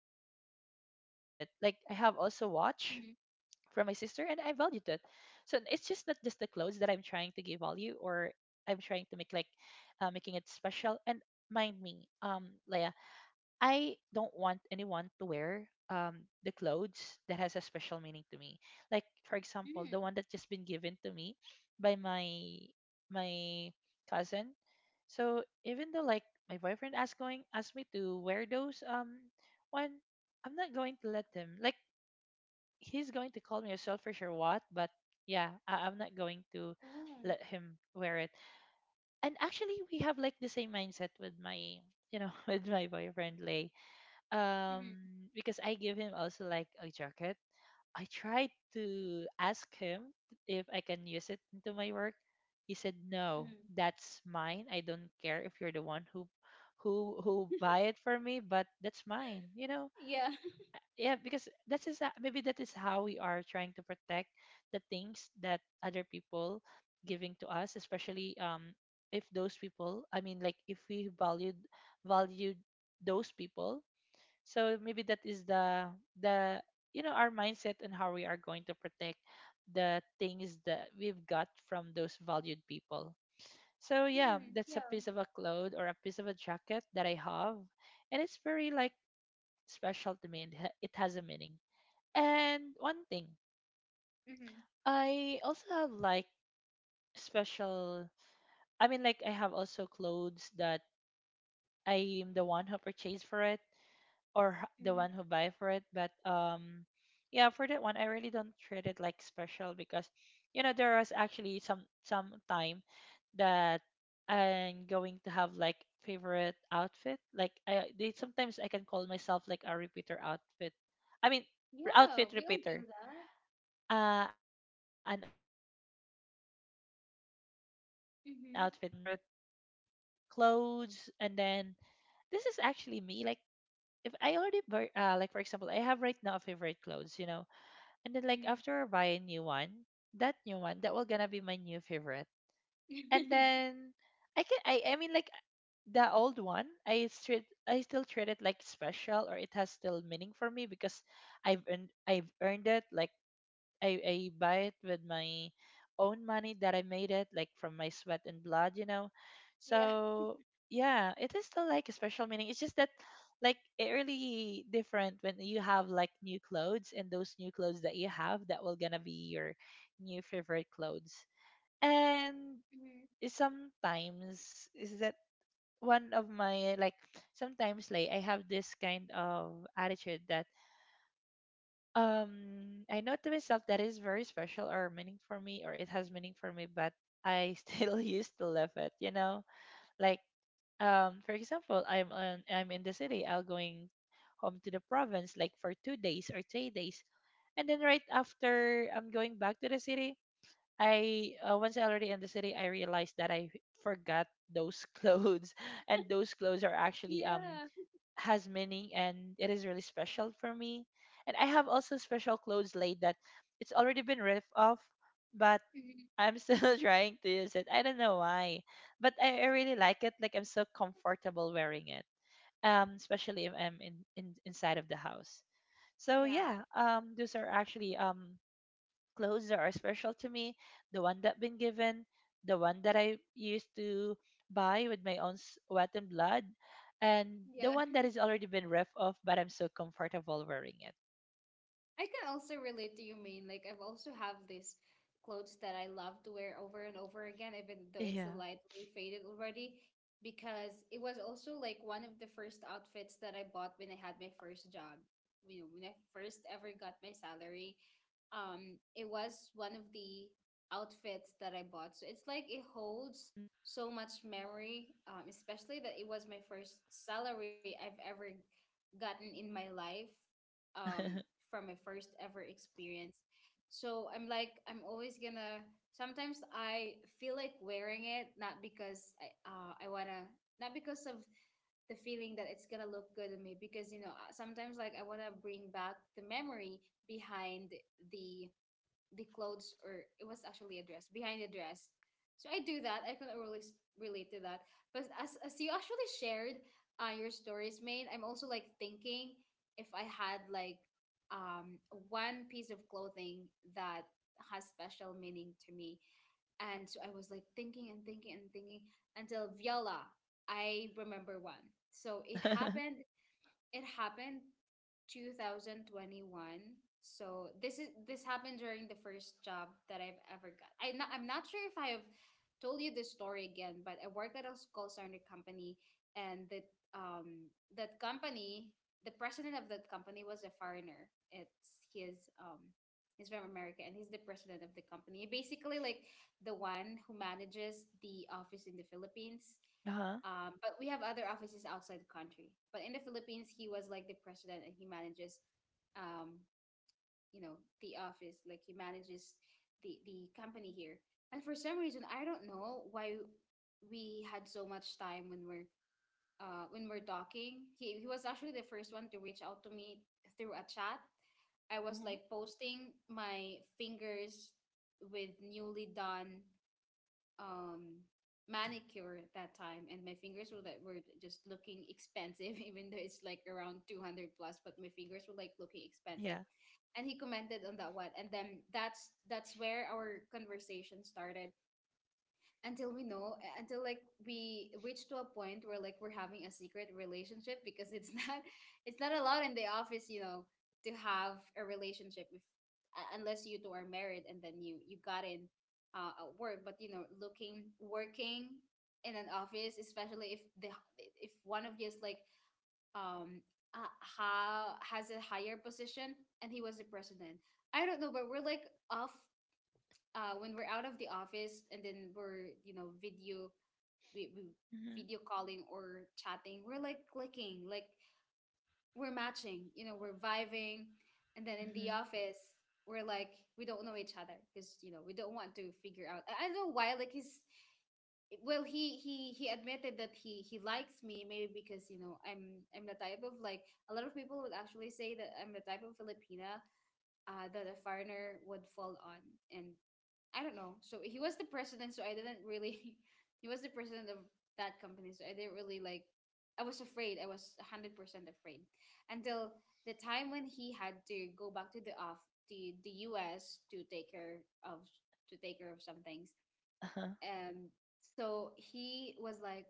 from my sister and I valued it. Hmm. So it's just not just the clothes that I'm trying to give value, or I'm trying to make like making it special. And mind me, Leia, I don't want anyone to wear the clothes that has a special meaning to me. Like, for example, the one that Hmm. just been given to me by my cousin. So, even though, like, my boyfriend asked me to wear those one, I'm not going to let him. Like, he's going to call me a selfish or what, but yeah, I'm not going to Oh. let him wear it. And actually, we have like the same mindset with my, <laughs> with my boyfriend Lay. Um, Hmm. because I give him also like a jacket, I tried to ask him if I can use it into my work. He said, "No, Hmm. that's mine. I don't care if you're the one who buy it for me, but that's mine." You know? Yeah. Yeah, because maybe that is how we are trying to protect the things that other people giving to us, especially if those people, I mean, like, if we valued those people. So maybe that is the our mindset and how we are going to protect the things that we've got from those valued people. So <laughs> yeah, Hmm. that's Yeah. a piece of a cloth or a piece of a jacket that I have, and it's very, like, special to me, and it has a meaning. And one thing, Hmm. I also have, like, special. I mean, like, I have also clothes that I'm the one who purchased for it, or the Hmm. one who buy for it, but yeah, for that one I really don't treat it like special, because there was actually some time that I'm going to have like favorite outfit. Like, I they sometimes I can call myself like a repeater outfit, I mean, Yeah, outfit we all do repeater, that. An outfit repeater, so yeah, I have, like, Hmm. Favorite clothes. And then this is actually me, like, if I already like, for example, I have right now a favorite clothes, and then, like, Hmm. after I buy a new one that will gonna be my new favorite. And <laughs> then I can I mean, like, the old one, I still treat it like special, or it has still meaning for me because I've earned it. Like, I buy it with my own money that I made it, like from my sweat and blood. Yeah. So yeah, it is still like a special meaning. It's just that, like, it really different when you have, like, new clothes, and those new clothes that you have that will gonna be your new favorite clothes. And Hmm. sometimes is that one of my, like, sometimes, like, I have this kind of attitude that I know to myself that is very special or meaning for me, or it has meaning for me, but I still <laughs> used to love it, you know? Like, for example, I'm in the city, I'll going home to the province like for 2 days or 3 days. And then right after I'm going back to the city, I once I already in the city, I realized that I forgot those <laughs> clothes, and those clothes are actually Yeah. has meaning, and it is really special for me. And I have also special clothes laid that it's already been ripped off, but Hmm. I'm still <laughs> trying to use it. I don't know why, but I really like it. Like, I'm so comfortable wearing it, especially if I'm in inside of the house. So Yeah. yeah, those are actually clothes that are special to me, the one that been given, the one that I used to buy with my own sweat and blood, and the one Yeah. that is already been ripped off, but I'm so comfortable wearing it. I can also relate to you, Main. Like, I've also have this clothes that I love to wear over and over again, even though it's Yeah. lightly faded already, because it was also like one of the first outfits that I bought when I had my first job. When I first ever got my salary, it was one of the outfits that I bought. So it's like it holds Hmm. so much memory, especially that it was my first salary I've ever gotten in my life um <laughs> from my first ever experience. So I'm, like, I'm always gonna, sometimes I feel like wearing it, not because I wanna, not because of the feeling that it's gonna look good on me, because sometimes, like, I wanna bring back the memory behind the the clothes, or it was actually a dress, behind the dress. So I do that. I can really s- Oh. relate to that. But Hmm. as you actually shared your stories made, I'm also like thinking if I had like um, one piece of clothing that has special meaning to me. And so I was like thinking and thinking and thinking until viola, I remember one. So <laughs> it happened 2021. So this happened during the first job that I've ever got. I'm not sure if I have told you this story again, but I work at a call center company, and um that company, the president of that company was a foreigner. It's his He's from America, and he's the president of the company. Basically, like the one who manages the office in the Philippines. Uh-huh. But we have other offices outside the country. But in the Philippines, he was like the president, and he manages, um, the office. Like he manages the company here. And for some reason, I don't know why we had so much time when we're talking. He was actually the first one to reach out to me through a chat. I was Hmm. like posting my fingers with newly done um manicure at that time, and my fingers were, like, were just looking expensive <laughs> even though it's like around Yeah. 200 plus, but my fingers were like looking expensive, and he commented on that one, and then that's where our conversation started, until we know, until, like, we reach to a point where, like, we're having a secret relationship <laughs> because it's not <laughs> it's not allowed in the office, to have a relationship, if unless you two are married, and then you got in at work, but looking, working in an office, especially if the if one of you is like um has a higher position, and he was the president. I don't know, but we're like, off when we're out of the office, and then we're, video, we Hmm. video calling or chatting. We're like clicking, like we're matching, we're vibing. And then in Hmm. the office, we're like we don't know each other, because we don't want to figure out. I don't know why, like he's well, he admitted that he likes me, maybe because I'm the type of, like, a lot of people would actually say that I'm the type of filipina that a foreigner would fall on. And I don't know. So he was the president, so I didn't really. <laughs> He was the president of that company, so I didn't really like. I was afraid. I was 100% afraid until the time when he had to go back to the off the U.S. to take care of, some things, Uh-huh. um, so he was like,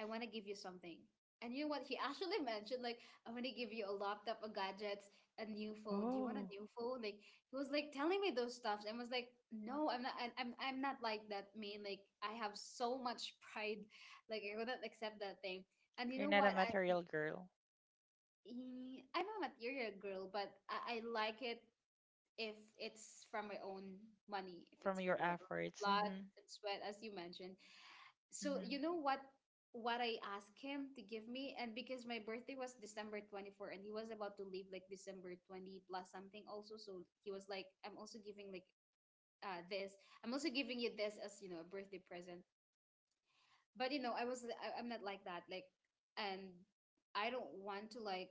I want to give you something. And you know what? He <laughs> actually mentioned, like, I want to give you a laptop, a gadgets, a new phone. Do you want Oh, a new phone? Like, he was like telling me those stuffs, and was like, no, I'm not like that, man. Like, I have so much pride. Like, I wouldn't accept that thing. And you're you know not a what? I, material girl eh, I'm a material girl, but I like it if it's from my own money, if from it's your from my own efforts. blood Mm-hmm. and sweat, as you mentioned. So Mm-hmm. you know what I asked him to give me. And because my birthday was December 24th, and he was about to leave like December 20 plus something also, so he was like, I'm also giving like this I'm also giving you this as, a birthday present. But I'm not like that, like, and I don't want to, like,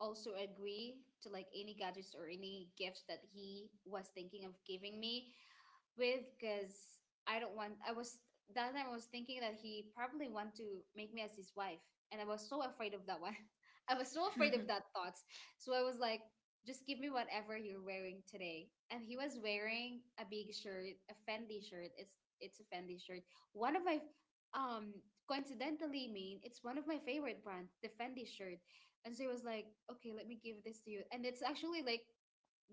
also agree to like any gadgets or any gifts that he was thinking of giving me with because I don't want. I was That time, I was thinking that he probably want to make me as his wife, and I was so afraid of that one. <laughs> I was so afraid of that thoughts. So I was like, just give me whatever you're wearing today. And he was wearing a big shirt, a Fendi shirt. It's a Fendi shirt. One of my um coincidentally mean it's one of my favorite brands, the Fendi shirt. And so he was like, okay, let me give this to you. And it's actually like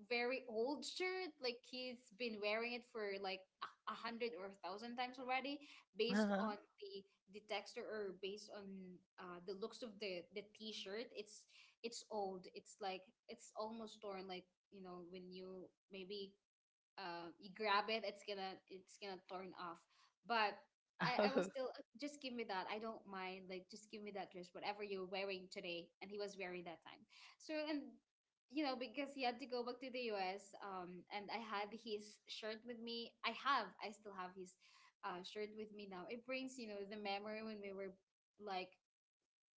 very old shirt. Like he's been wearing it for like a hundred or a thousand times already, <laughs> based Uh-huh. on the the texture or based on the looks of the t-shirt. It's old. It's like it's almost torn. Like you know when you maybe you grab it, it's gonna turn off. But I was Oh. still, just give me that. I don't mind. Like just give me that dress, whatever you're wearing today." And he was wearing that time. So and you know because he had to go back to the U.S. And I had his shirt with me. I still have his shirt with me now. It brings, you know, the memory when we were like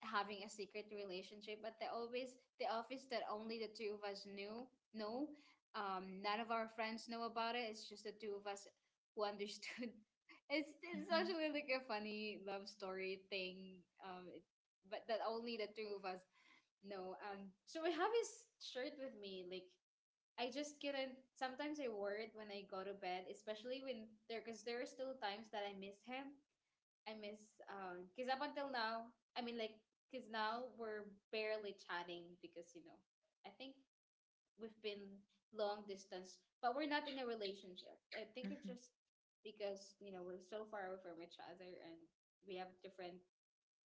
having a secret relationship, but the always the office that only the two of us knew, know, none of our friends know about it. It's just the two of us who understood. <laughs> It's Mm-hmm. actually like a funny love story thing, but that only the two of us know. So I have his shirt with me. Like I just couldn't, sometimes I wear it when I go to bed, especially when there, because there are still times that I miss him. I miss, because up until now, I mean, like because now we're barely chatting, because, you know, I think we've been long distance, but we're not in a relationship. I think it's Mm-hmm. just because, you know, we're so far away from each other, and we have different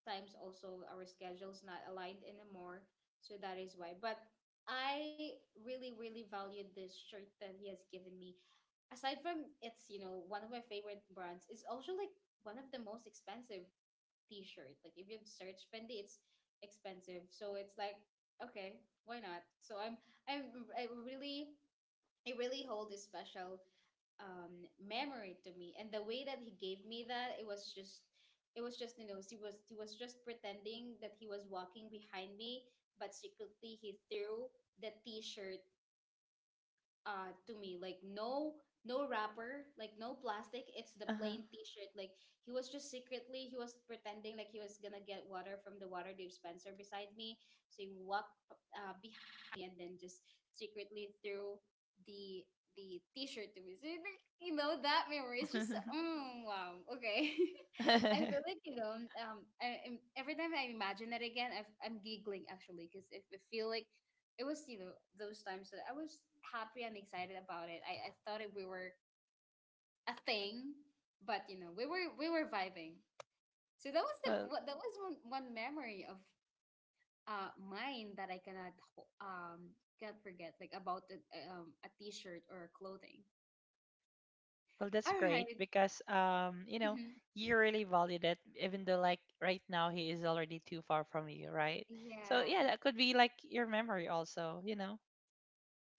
times, also our schedules not aligned anymore. So that is why. But I really, really valued this shirt that he has given me. Aside from it's, you know, one of my favorite brands, it's also like one of the most expensive t-shirt. Like if you search Fendi, it's expensive. So it's like, okay, why not? So I'm I really, it really hold a special memory to me. And the way that he gave me that, it was just, it was just, you know, he was just pretending that he was walking behind me, but secretly he threw the t-shirt to me. Like no no wrapper, like no plastic, it's the Uh-huh. plain t-shirt. Like he was just secretly, he was pretending like he was gonna get water from the water dispenser beside me. So he walked behind me and then just secretly threw the the t-shirt to me. So like, you know, that memory is just, mm, wow, okay. <laughs> I feel <laughs> like, you know, every time I imagine it again, I'm giggling actually, because I feel like it was, you know, those times that I was happy and excited about it. I thought it, we were a thing, but you know, we were vibing. So that was well, that was one memory of mine that I cannot can't forget, like about the, a t-shirt or clothing. Well, that's All great right, because hmm. you really value that even though, like, right now he is already too far from you, right? So yeah, Yeah, that could be like your memory also.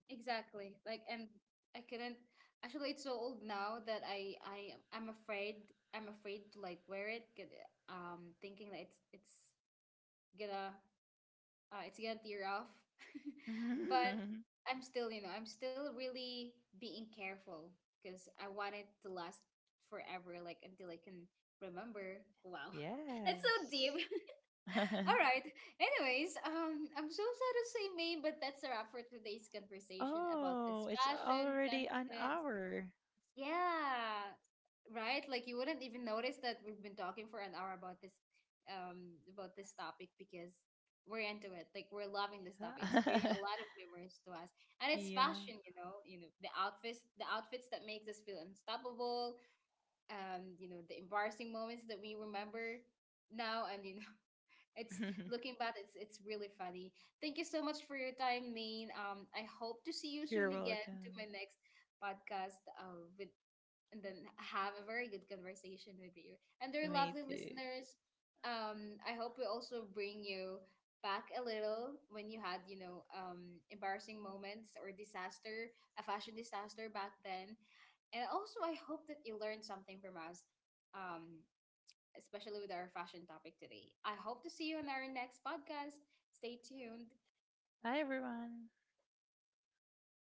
exactly. Like, and I couldn't actually, it's so old now that I'm afraid, I'm afraid to like wear it, 'cause, thinking that it's gonna, it's gonna tear off. <laughs> But <laughs> I'm still, you know, I'm still really being careful because I want it to last forever, like until I can remember. Wow. <laughs> That's so deep. Yes. <laughs> All <laughs> right, anyways, I'm so sad to say, May, but that's a wrap for today's conversation about Oh, this it's passion already an confidence. hour. Yeah, right? Like you wouldn't even notice that we've been talking for an hour about this, about this topic, because we're into it. Like we're loving this topic. It's bringing Yeah. a lot <laughs> of memories to us. And it's Yeah. fashion, you know, the outfits that makes us feel unstoppable, you know, the embarrassing moments that we remember now, and you know, <laughs> it's, <laughs> looking back, it's really funny. Thank you so much for your time, Maine. I hope to see you soon You're again to my welcome. next podcast with, and then have a very good conversation with you. And dear Me lovely too. listeners, I hope we also bring you back a little when you had, you know, embarrassing moments or disaster, a fashion disaster back then. And also, I hope that you learned something from us, um, especially with our fashion topic today. I hope to see you on our next podcast. Stay tuned. Bye everyone.